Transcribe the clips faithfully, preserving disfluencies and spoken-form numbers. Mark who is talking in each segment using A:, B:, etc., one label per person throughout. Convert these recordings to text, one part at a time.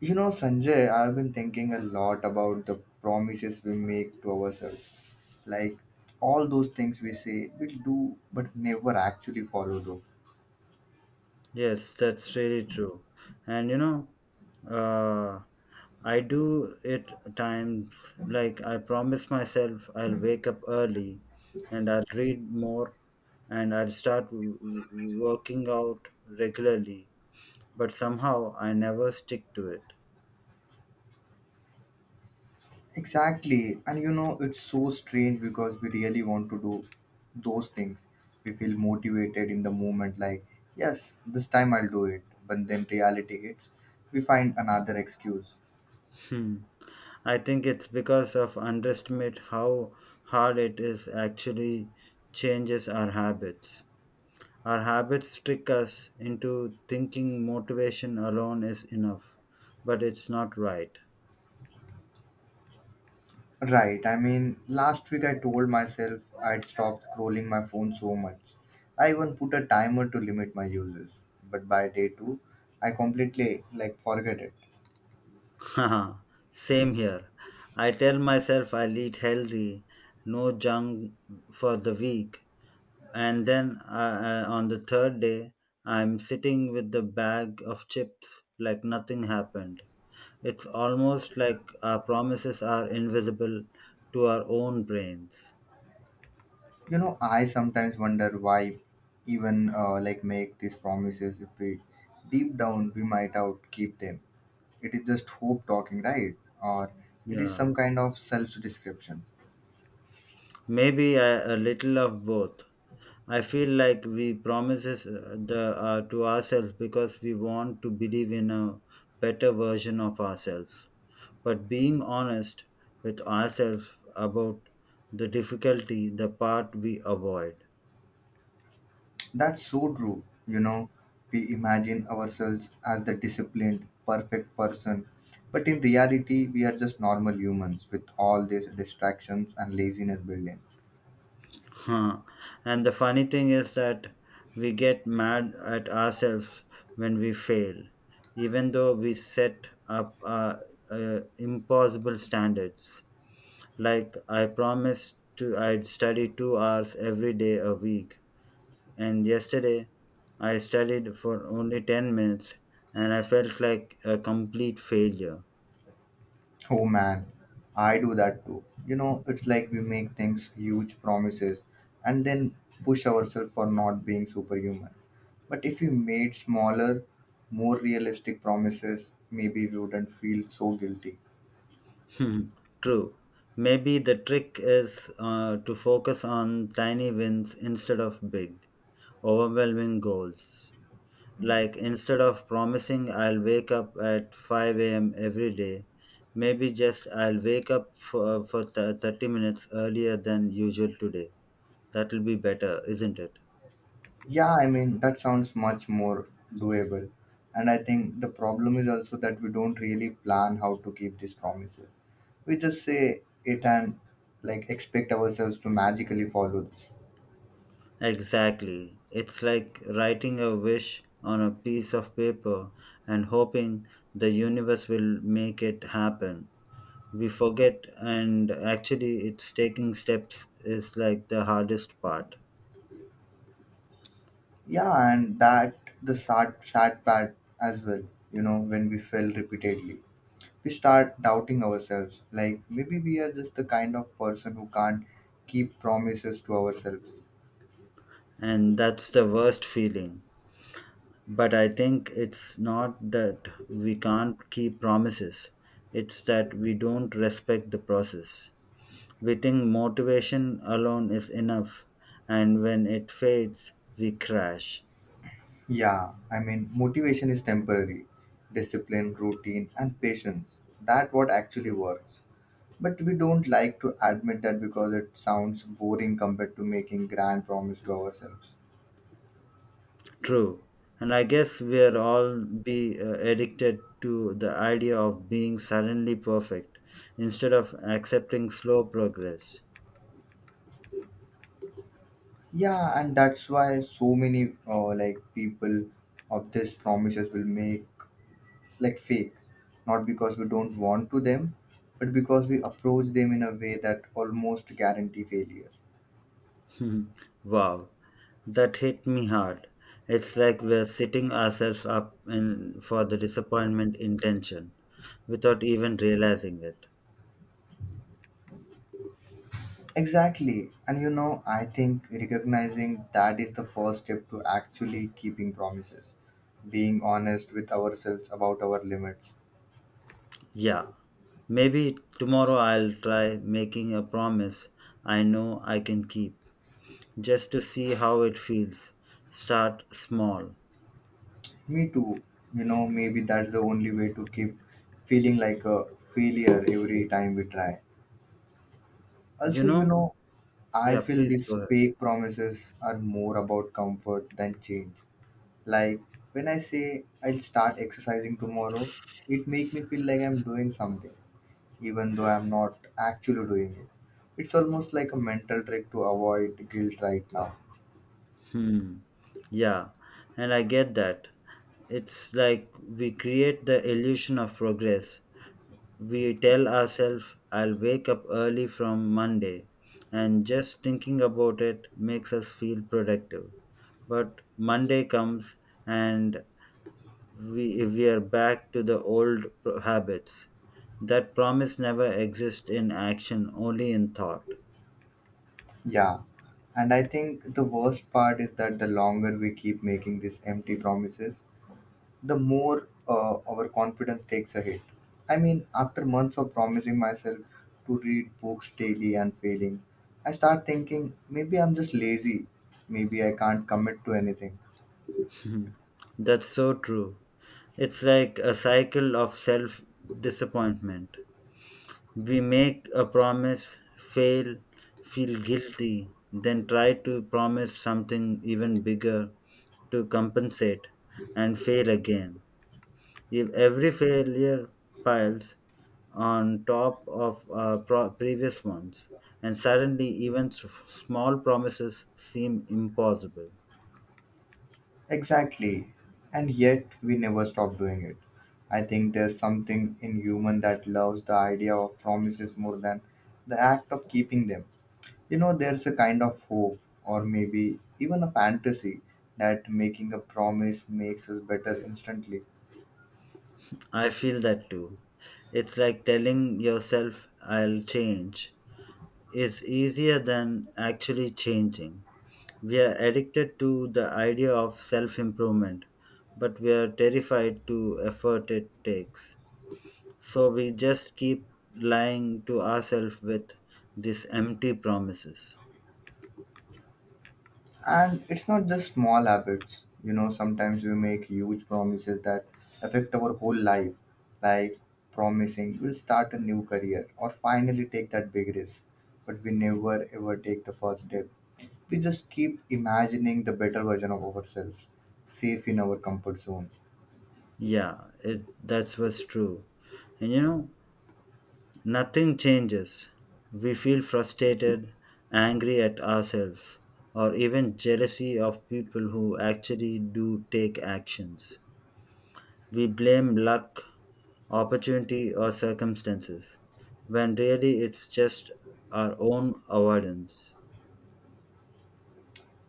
A: You know, Sanjay, I've been thinking a lot about the promises we make to ourselves. Like all those things we say we'll do but never actually follow through.
B: Yes, that's really true. And you know, uh, I do it at times like I promise myself I'll wake up early and I'll read more and I'll start w- w- working out regularly. But somehow I never stick to it.
A: Exactly. And you know, it's so strange because we really want to do those things. We feel motivated in the moment, like, yes, this time I'll do it. But then reality hits. We find another excuse.
B: Hmm. I think it's because of underestimate how hard it is actually changes our habits. Our habits trick us into thinking motivation alone is enough, but it's not right.
A: Right. I mean, last week I told myself I'd stop scrolling my phone so much. I even put a timer to limit my uses. But by day two, I completely like forget it.
B: Same here. I tell myself I'll eat healthy, no junk for the week, and then uh, uh, on the third day, I'm sitting with the bag of chips like nothing happened. It's almost like our promises are invisible to our own brains.
A: You know, I sometimes wonder why even uh, like make these promises if we deep down we might out keep them. It is just hope talking, right? Or it is
B: Yeah,
A: some kind of self description.
B: maybe a, a little of both. I feel like we promises uh, the uh, to ourselves because we want to believe in a better version of ourselves. But being honest with ourselves about the difficulty, the part we avoid.
A: That's so true. You know, we imagine ourselves as the disciplined, perfect person, but in reality, we are just normal humans with all these distractions and laziness building.
B: Huh. And the funny thing is that we get mad at ourselves when we fail, even though we set up uh, uh, impossible standards. Like I promised to I'd study two hours every day a week and yesterday I studied for only ten minutes and I felt like a complete failure.
A: Oh man, I do that too. You know, it's like we make things huge promises and then push ourselves for not being superhuman. But if we made smaller, more realistic promises, maybe we wouldn't feel so guilty.
B: Hmm, true. Maybe the trick is uh, to focus on tiny wins instead of big, overwhelming goals. Like instead of promising I'll wake up at five a m every day, maybe just I'll wake up for, for th- thirty minutes earlier than usual today. That'll be better, isn't it?
A: Yeah, I mean, that sounds much more doable. And I think the problem is also that we don't really plan how to keep these promises. We just say it and like expect ourselves to magically follow this.
B: Exactly. It's like writing a wish on a piece of paper and hoping the universe will make it happen. We forget, and actually, it's taking steps is like the hardest part.
A: Yeah, and that the sad sad part as well, you know, when we fail repeatedly. We start doubting ourselves. Like maybe we are just the kind of person who can't keep promises to ourselves.
B: And that's the worst feeling. But I think it's not that we can't keep promises, it's that we don't respect the process. We think motivation alone is enough, and when it fades, we crash.
A: Yeah, I mean, motivation is temporary. Discipline, routine, and patience. That what actually works. But we don't like to admit that because it sounds boring compared to making grand promise to ourselves.
B: True. And I guess we're all be uh, addicted to the idea of being suddenly perfect instead of accepting slow progress.
A: Yeah, and that's why so many uh, like people of these promises will make like fake. Not because we don't want to them, but because we approach them in a way that almost guarantee failure.
B: Hmm. Wow, that hit me hard. It's like we're setting ourselves up in, for the disappointment intention without even realizing it.
A: Exactly. And you know, I think recognizing that is the first step to actually keeping promises, being honest with ourselves about our limits.
B: Yeah, maybe tomorrow I'll try making a promise I know I can keep just to see how it feels. Start small.
A: Me too. You know, maybe that's the only way to keep feeling like a failure every time we try.
B: You
A: Also, you
B: know?
A: know, I
B: Yeah,
A: feel
B: please go
A: these
B: ahead.
A: fake promises are more about comfort than change. Like when I say I'll start exercising tomorrow, it make me feel like I'm doing something even though I'm not actually doing it. It's almost like a mental trick to avoid guilt right now.
B: Hmm. Yeah, and I get that. It's like we create the illusion of progress. We tell ourselves, I'll wake up early from Monday, and just thinking about it makes us feel productive. But Monday comes and we, we are back to the old pro- habits. That promise never exists in action, only in thought.
A: Yeah. And I think the worst part is that the longer we keep making these empty promises, the more uh, our confidence takes a hit. I mean, after months of promising myself to read books daily and failing, I start thinking maybe I'm just lazy, maybe I can't commit to anything.
B: Mhm. That's so true. It's like a cycle of self disappointment. We make a promise, fail, feel guilty, then try to promise something even bigger to compensate and fail again. If every failure piles on top of uh, pro- previous ones, and suddenly even s- small promises seem impossible.
A: Exactly. And yet we never stop doing it. I think there's something in human that loves the idea of promises more than the act of keeping them. You know, there's a kind of hope or maybe even a fantasy that making a promise makes us better instantly.
B: I feel that too. It's like telling yourself, I'll change, is easier than actually changing. We are addicted to the idea of self improvement, but we are terrified to effort it takes. So we just keep lying to ourselves with these empty promises.
A: And it's not just small habits. You know, sometimes we make huge promises that affect our whole life, like promising we'll start a new career or finally take that big risk. But we never ever take the first step. We just keep imagining the better version of ourselves, safe in our comfort zone.
B: Yeah, it, that's what's true. And you know, nothing changes. We feel frustrated, angry at ourselves, or even jealousy of people who actually do take actions. We blame luck, opportunity, or circumstances, when really it's just our own avoidance.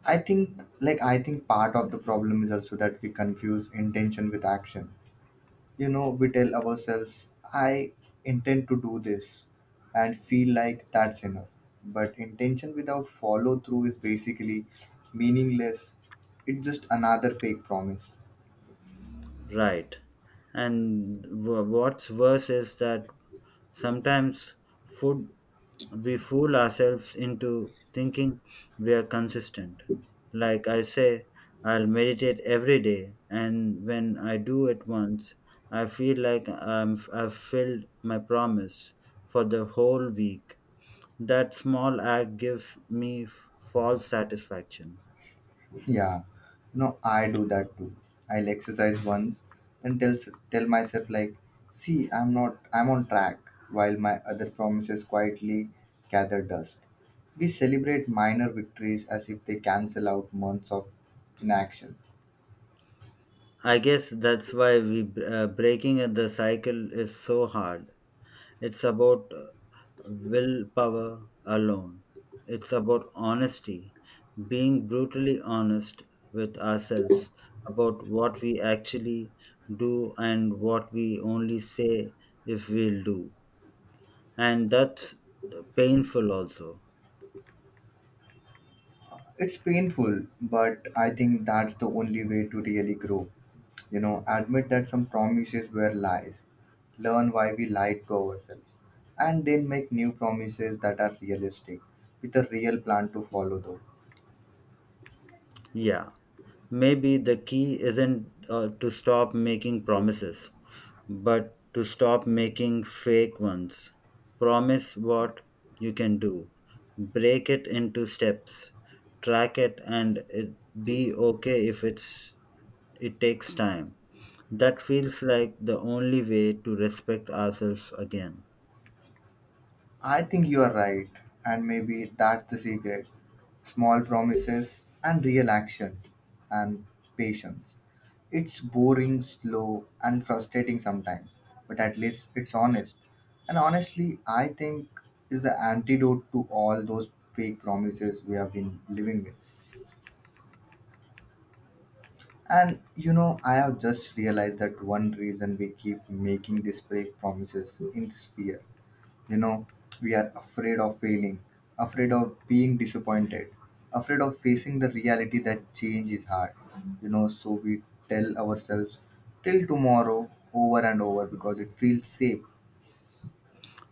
A: I think, like, I think part of the problem is also that we confuse intention with action. You know, we tell ourselves I intend to do this and feel like that's enough, but intention without follow through is basically meaningless. It's just another fake promise.
B: Right. And w- what's worse is that sometimes food we fool ourselves into thinking we are consistent. Like I say, I'll meditate every day, and when I do it once, I feel like I'm, I've filled my promise for the whole week. That small act gives me f- false satisfaction.
A: Yeah, you know, I do that too. I'll exercise once then tell tell myself like see I'm not I'm on track while my other promises quietly gather dust. We celebrate minor victories as if they cancel out months of inaction.
B: I guess that's why we uh, breaking the cycle is so hard. It's about uh, willpower alone. It's about honesty, being brutally honest with ourselves about what we actually do and what we only say if we'll do. And that's painful also.
A: It's painful, but I think that's the only way to really grow. You know, admit that some promises were lies, learn why we lied to ourselves, and then make new promises that are realistic with a real plan to follow, though.
B: Yeah. Maybe the key isn't uh, to stop making promises, but to stop making fake ones. Promise what you can do, break it into steps, track it, and it, be okay if it's it takes time. That feels like the only way to respect ourselves again.
A: I think you are right, and maybe that's the secret. Small promises and real action and patience. It's boring, slow, and frustrating sometimes, but at least it's honest. And honestly, I think is the antidote to all those fake promises we have been living with. And you know, I have just realized that one reason we keep making these fake promises in this fear. You know, we are afraid of failing, afraid of being disappointed, afraid of facing the reality that change is hard. You know, so we tell ourselves till tomorrow over and over because it feels safe.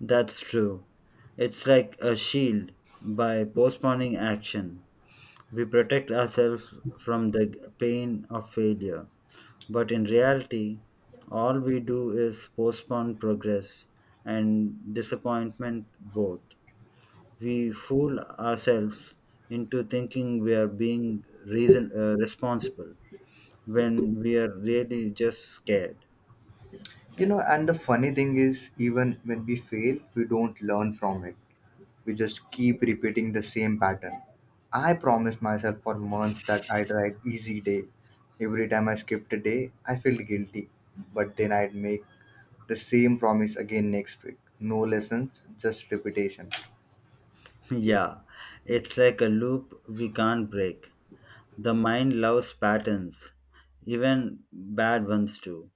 B: That's true. It's like a shield by postponing action. We protect ourselves from the pain of failure, but in reality, all we do is postpone progress and disappointment both. We fool ourselves into thinking we are being reason, uh, responsible when we are really just scared.
A: You know, and the funny thing is even when we fail we don't learn from it. We just keep repeating the same pattern. I promised myself for months that I'd write easy day. Every time I skipped a day I felt guilty, but then I'd make the same promise again next week. No lessons, just repetition.
B: Yeah, it's like a loop we can't break. The mind loves patterns, even bad ones too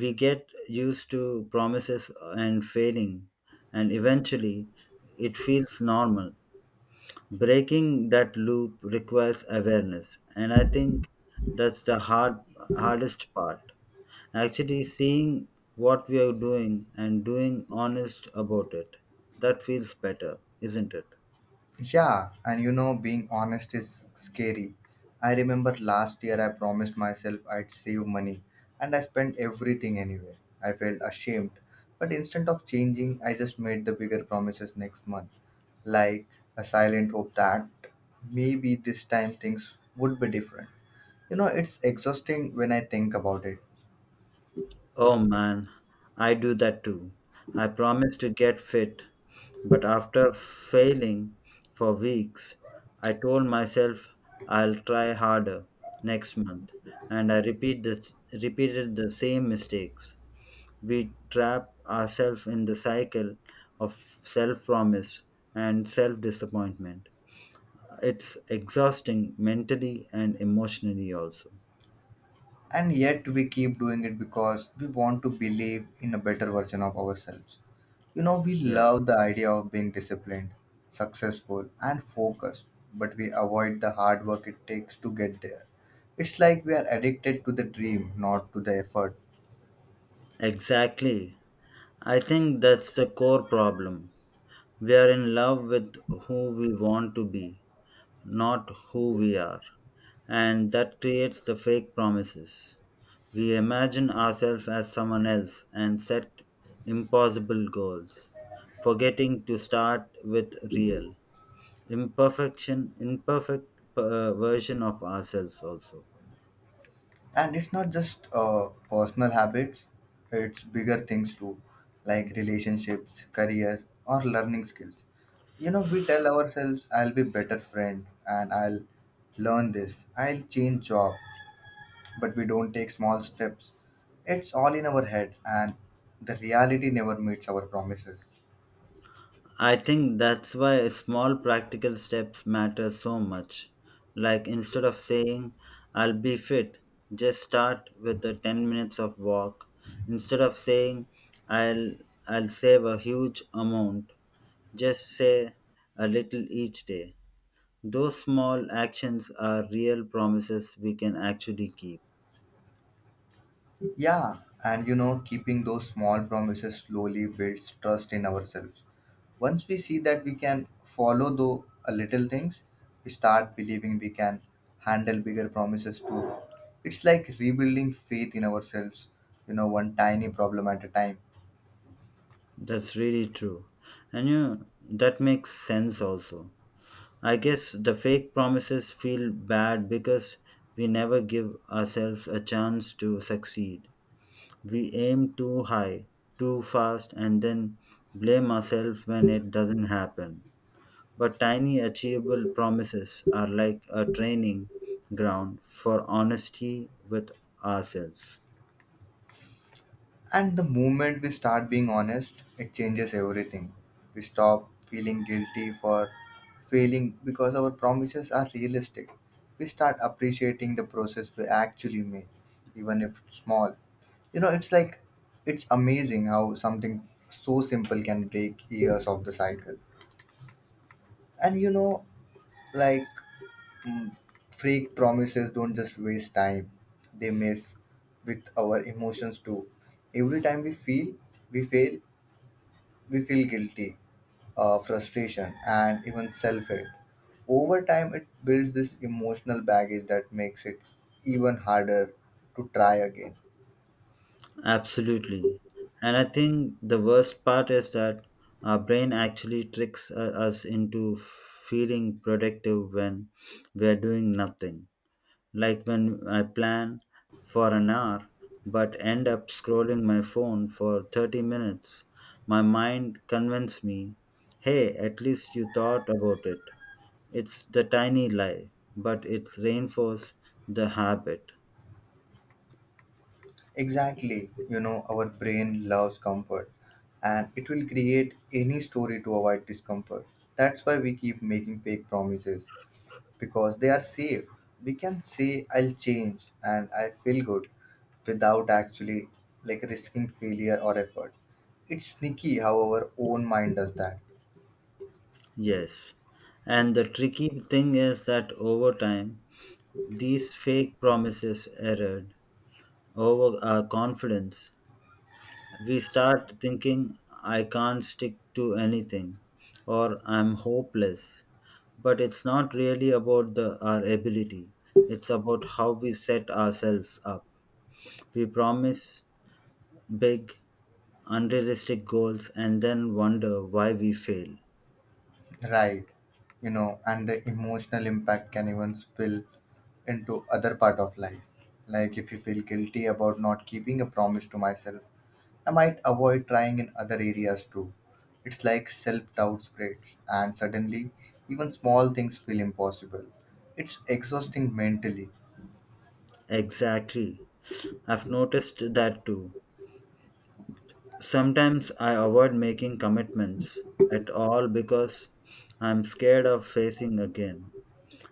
B: we get used to promises and failing, and eventually it feels normal. Breaking that loop requires awareness, and I think that's the hard hardest part. Actually seeing what we are doing and doing honest about it. That feels better, isn't it?
A: Yeah, and you know, being honest is scary. I remember last year I promised myself I'd save money and I spent everything anyway. I felt ashamed. But instead of changing, I just made the bigger promises next month. Like a silent hope that maybe this time things would be different. You know, it's exhausting when I think about it.
B: Oh man, I do that too. I promise to get fit, but after failing for weeks, I told myself I'll try harder next month, and I repeat the, repeated the same mistakes. We trap ourselves in the cycle of self promise and self disappointment. It's exhausting mentally and emotionally, also.
A: And yet we keep doing it because we want to believe in a better version of ourselves. You know, we
B: Yeah.
A: love the idea of being disciplined, successful, and focused, but we avoid the hard work it takes to get there. It's like we are addicted to the dream, not to the effort.
B: Exactly. I think that's the core problem. We are in love with who we want to be, not who we are. And that creates the fake promises. We imagine ourselves as someone else and set impossible goals, forgetting to start with real, imperfection, imperfect uh, version of ourselves also.
A: And it's not just uh, personal habits. It's bigger things too, like relationships, career, or learning skills. You know, we tell ourselves I'll be better friend and I'll learn this, I'll change job, but we don't take small steps. It's all in our head and the reality never meets our promises.
B: I think that's why small practical steps matter so much. Like instead of saying, I'll be fit, just start with a ten minutes of walk. Instead of saying, I'll, I'll save a huge amount, just say a little each day. Those small actions are real promises we can actually keep.
A: Yeah, and you know, keeping those small promises slowly builds trust in ourselves. Once we see that we can follow the a little things, we start believing we can handle bigger promises too. It's like rebuilding faith in ourselves, you know, one tiny problem at a time.
B: That's really true. And you know, that makes sense also. I guess the fake promises feel bad because we never give ourselves a chance to succeed. We aim too high, too fast, and then blame ourselves when it doesn't happen. But tiny, achievable promises are like a training ground for honesty with ourselves.
A: And the moment we start being honest, it changes everything. We stop feeling guilty for failing because our promises are realistic. We start appreciating the process we actually make, even if it's small. You know, it's like it's amazing how something so simple can break years of the cycle. And you know, like mm, fake promises don't just waste time, they mess with our emotions too. Every time we feel we fail, we feel guilty, uh, frustration, and even self hate. Over time, it builds this emotional baggage that makes it even harder to try again.
B: Absolutely. And I think the worst part is that our brain actually tricks uh, us into feeling productive when we're doing nothing. Like when I plan for an hour but end up scrolling my phone for thirty minutes, my mind convinced me, hey, at least you thought about it. It's the tiny lie, but it's reinforced the habit.
A: Exactly, you know, our brain loves comfort and it will create any story to avoid discomfort. That's why we keep making fake promises because they are safe. We can say I'll change and I feel good without actually like risking failure or effort. It's sneaky how our own mind does that.
B: Yes. And the tricky thing is that over time, these fake promises erode over our confidence. We start thinking, I can't stick to anything, or I'm hopeless. But it's not really about the, our ability, it's about how we set ourselves up. We promise big, unrealistic goals and then wonder why we fail.
A: Right. You know, and the emotional impact can even spill into other part of life. Like if you feel guilty about not keeping a promise to myself I might avoid trying in other areas too. It's like self doubt spreads, and suddenly, even small things feel impossible. It's exhausting mentally.
B: Exactly. I've noticed that too. Sometimes I avoid making commitments at all because I'm scared of facing again.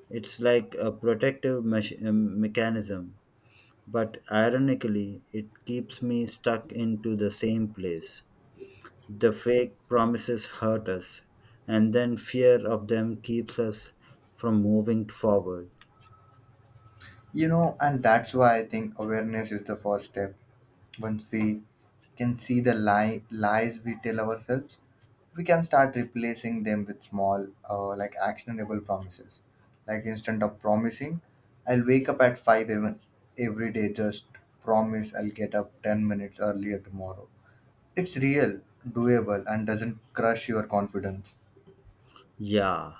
B: It's like a protective mech- um, mechanism, but ironically, it keeps me stuck into the same place. The fake promises hurt us, and then fear of them keeps us from moving forward.
A: You know, and that's why I think awareness is the first step. Once we can see the lie, lies we tell ourselves, we can start replacing them with small, uh, like actionable promises. Like instead of promising, I'll wake up at five a m every day, just promise I'll get up ten minutes earlier tomorrow. It's real, doable, and doesn't crush your confidence.
B: Yeah,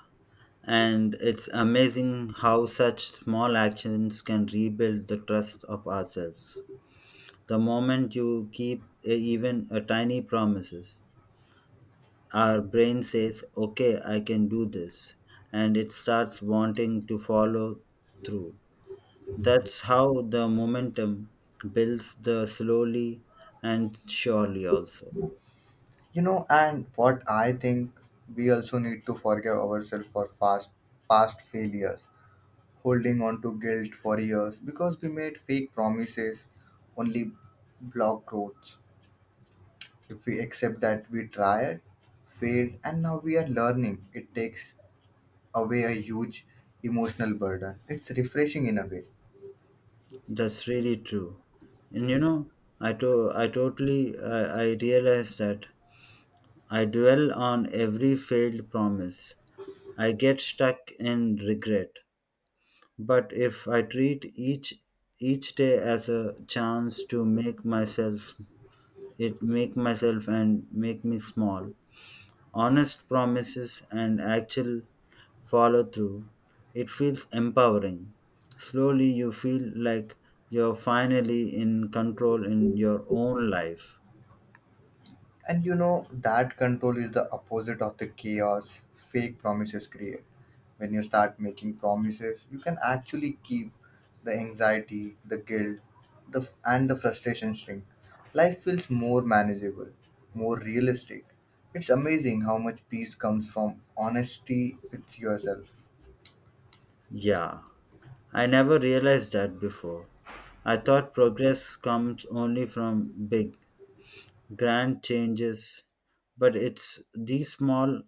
B: and it's amazing how such small actions can rebuild the trust of ourselves. The moment you keep a, even a tiny promises, our brain says, "Okay, I can do this," and it starts wanting to follow through. That's how the momentum builds the slowly and surely also.
A: You know, and what I think we also need to forgive ourselves for past past failures, holding on to guilt for years because we made fake promises only block growth. If we accept that we tried, failed, and now we are learning, it takes away a huge emotional burden. It's refreshing in a way.
B: That's really true. And you know, I to- I totally uh, I realize that I dwell on every failed promise. I get stuck in regret. But if I treat each each day as a chance to make myself it make myself and make me small, honest promises and actual follow through, it feels empowering. Slowly you feel like you're finally in control in your own life.
A: And you know, that control is the opposite of the chaos fake promises create. When you start making promises, you can actually keep the anxiety, the guilt, the and the frustration shrink. Life feels more manageable, more realistic. It's amazing how much peace comes from honesty with yourself.
B: Yeah, I never realized that before. I thought progress comes only from big, grand changes, but it's these small,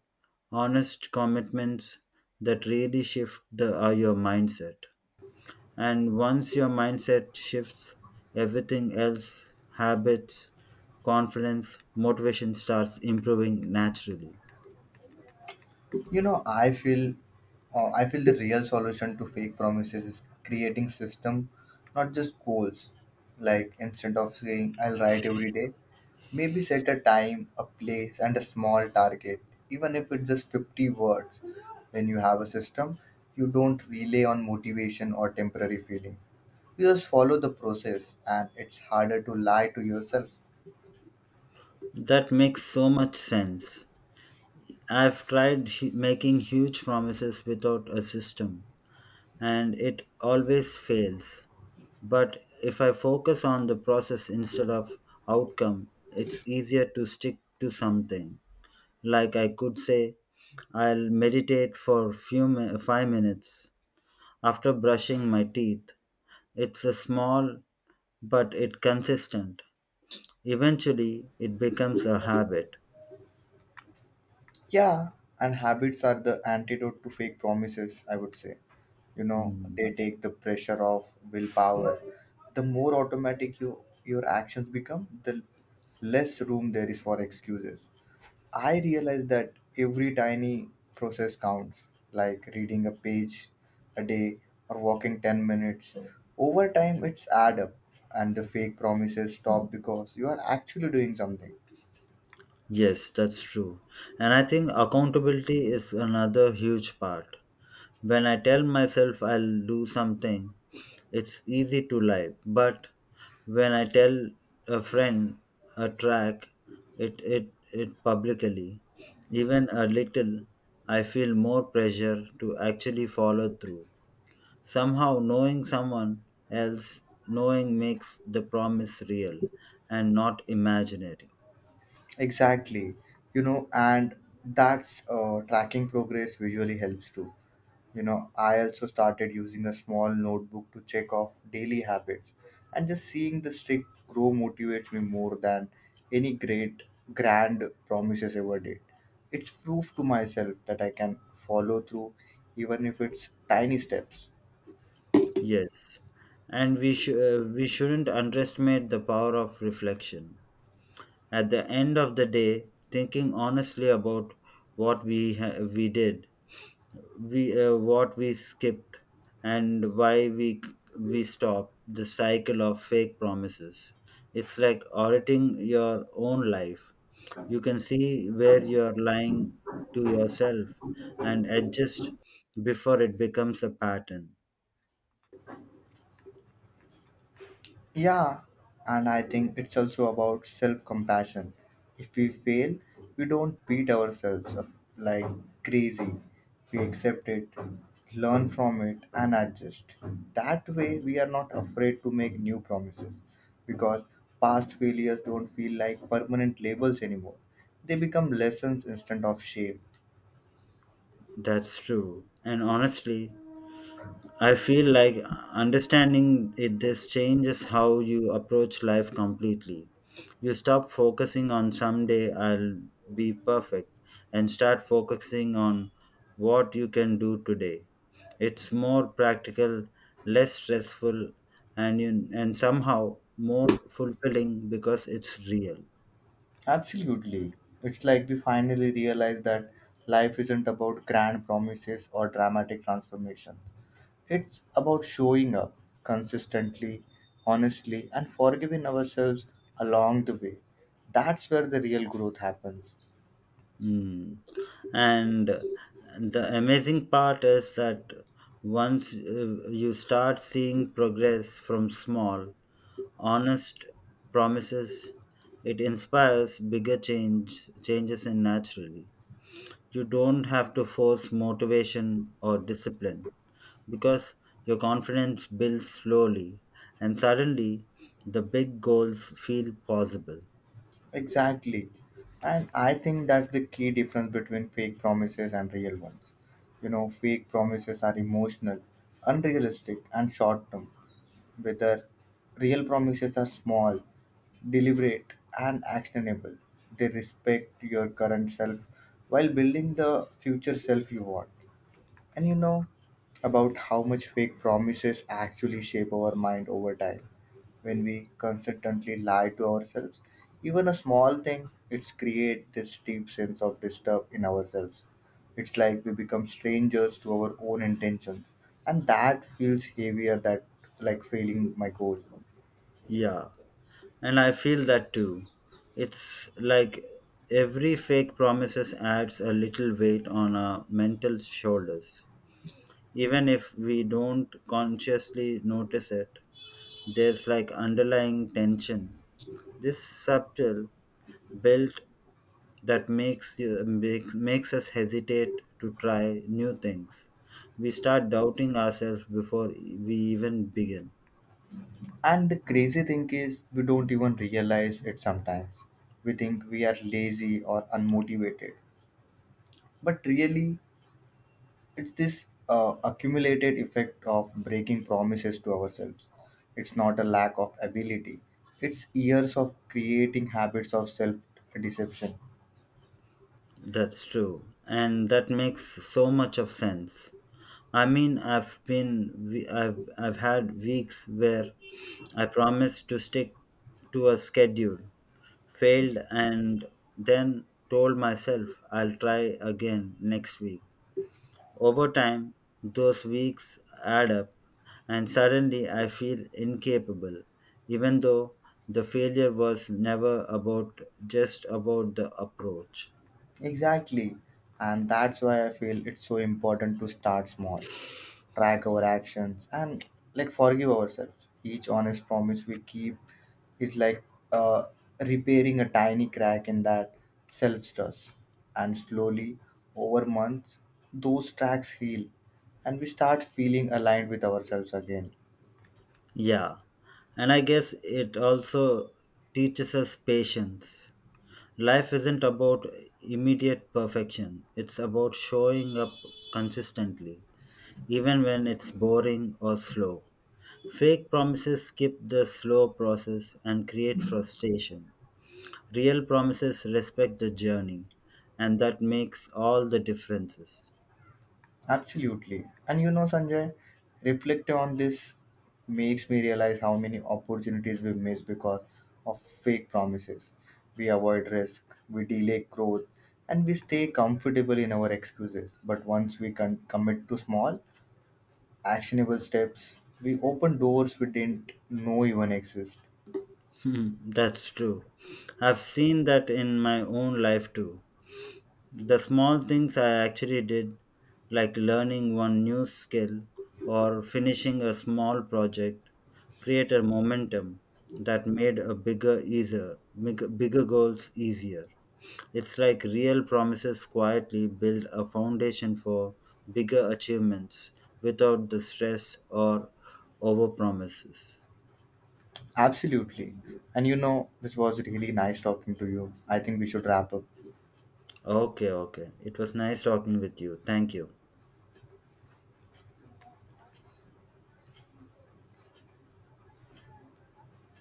B: honest commitments that really shift the, uh, your mindset. And once your mindset shifts, everything else, habits, confidence, motivation starts improving naturally.
A: You know, I feel uh, I feel the real solution to fake promises is creating system, not just goals. Like instead of saying I'll write every day, maybe set a time, a place, and a small target, even if it's just fifty words. When you have a system you don't rely on motivation or temporary feelings. You just follow the process and it's harder to lie to yourself.
B: That makes so much sense. I've tried hu- making huge promises without a system, and it always fails. But if I focus on the process instead of outcome, it's easier to stick to something. Like I could say, I'll meditate for few mi- five minutes after brushing my teeth. It's a small but it consistent. Eventually, it becomes a habit.
A: Yeah, and habits are the antidote to fake promises, I would say. You know,
B: Mm,
A: they take the pressure off willpower. The more automatic you your actions become, the less room there is for excuses. I realize that every tiny process counts, like reading a page a day or walking ten minutes. Over time, it's add up, and the fake promises stop because you are actually doing something.
B: yes, that's true. And I think accountability is another huge part. When I tell myself I'll do something, it's easy to lie. But when I tell a friend a track, it, it, it publicly, even a little, I feel more pressure to actually follow through. Somehow, knowing someone else, knowing makes the promise real and not imaginary.
A: Exactly. You know, and that's uh, tracking progress visually helps too. You know, I also started using a small notebook to check off daily habits, and just seeing the streak grow motivates me more than any great grand promises ever did. It's proof to myself that I can follow through, even if it's tiny steps.
B: Yes, and we sh- uh, we shouldn't underestimate the power of reflection. At the end of the day, thinking honestly about what we ha- we did, we uh, what we skipped, and why we we stopped the cycle of fake promises. It's like auditing your own life. You can see where you're lying to yourself and adjust before it becomes a pattern.
A: Yeah, and I think it's also about self compassion. If we fail, we don't beat ourselves up like crazy. We accept it, learn from it, and adjust. That way, we are not afraid to make new promises because past failures don't feel like permanent labels anymore. They become lessons instead of shame.
B: That's true. And honestly, I feel like understanding it, this changes how you approach life completely. You stop focusing on someday I'll be perfect and start focusing on what you can do today. It's more practical, less stressful, and, you, and somehow more fulfilling because it's real.
A: Absolutely. It's like we finally realize that life isn't about grand promises or dramatic transformations. It's about showing up consistently, honestly, and forgiving ourselves along the way. That's where the real growth happens.
B: Mm. And the amazing part is that once uh, you start seeing progress from small, honest promises, it inspires bigger change changes in naturally. You don't have to force motivation or discipline because your confidence builds slowly and suddenly the big goals feel possible.
A: Exactly. And I think that's the key difference between fake promises and real ones. You know, fake promises are emotional, unrealistic, and short term whether real promises are small, deliberate, and actionable. They respect your current self while building the future self you want. And you know about how much fake promises actually shape our mind over time. When we consistently lie to ourselves, even a small thing, it's create this deep sense of disturb in ourselves. It's like we become strangers to our own intentions, and that feels heavier that like failing my goal.
B: Yeah. And I feel that too. It's like every fake promises adds a little weight on our mental shoulders. Even if we don't consciously notice it, there's like underlying tension. This subtle built that makes you makes, makes us hesitate to try new things. We start doubting ourselves before we even begin.
A: And the crazy thing is, we don't even realize it sometimes. We think we are lazy or unmotivated, but really, it's this uh, accumulated effect of breaking promises to ourselves. It's not a lack of ability, it's years of creating habits of self deception.
B: That's true. And that makes so much of sense. I mean, I've been, we- I've, I've had weeks where I promised to stick to a schedule, failed, and then told myself I'll try again next week. Over time, those weeks add up, and suddenly I feel incapable, even though the failure was never about just about the approach.
A: Exactly. And that's why I feel it's so important to start small, track our actions, and like forgive ourselves. Each honest promise we keep is like uh, repairing a tiny crack in that self trust. And slowly, over months, those cracks heal, and we start feeling aligned with ourselves again.
B: Yeah, and I guess it also teaches us patience. Life isn't about immediate perfection, it's about showing up consistently, even when it's boring or slow. Fake promises skip the slow process and create frustration. Real promises respect the journey, and that makes all the differences.
A: Absolutely. And you know, Sanjay, reflecting on this makes me realize how many opportunities we miss because of fake promises. We avoid risk, we delay growth, and we stay comfortable in our excuses. But once we can commit to small, actionable steps, we open doors we didn't know even exist.
B: Hmm, That's true. I've seen that in my own life too. The small things I actually did, like learning one new skill or finishing a small project, create a momentum that made a bigger easier, big- bigger goals easier. It's like real promises quietly build a foundation for bigger achievements without the stress or over promises.
A: Absolutely. And you know, this was really nice talking to you. I think we should wrap up.
B: Okay, okay. It was nice talking with you. Thank you.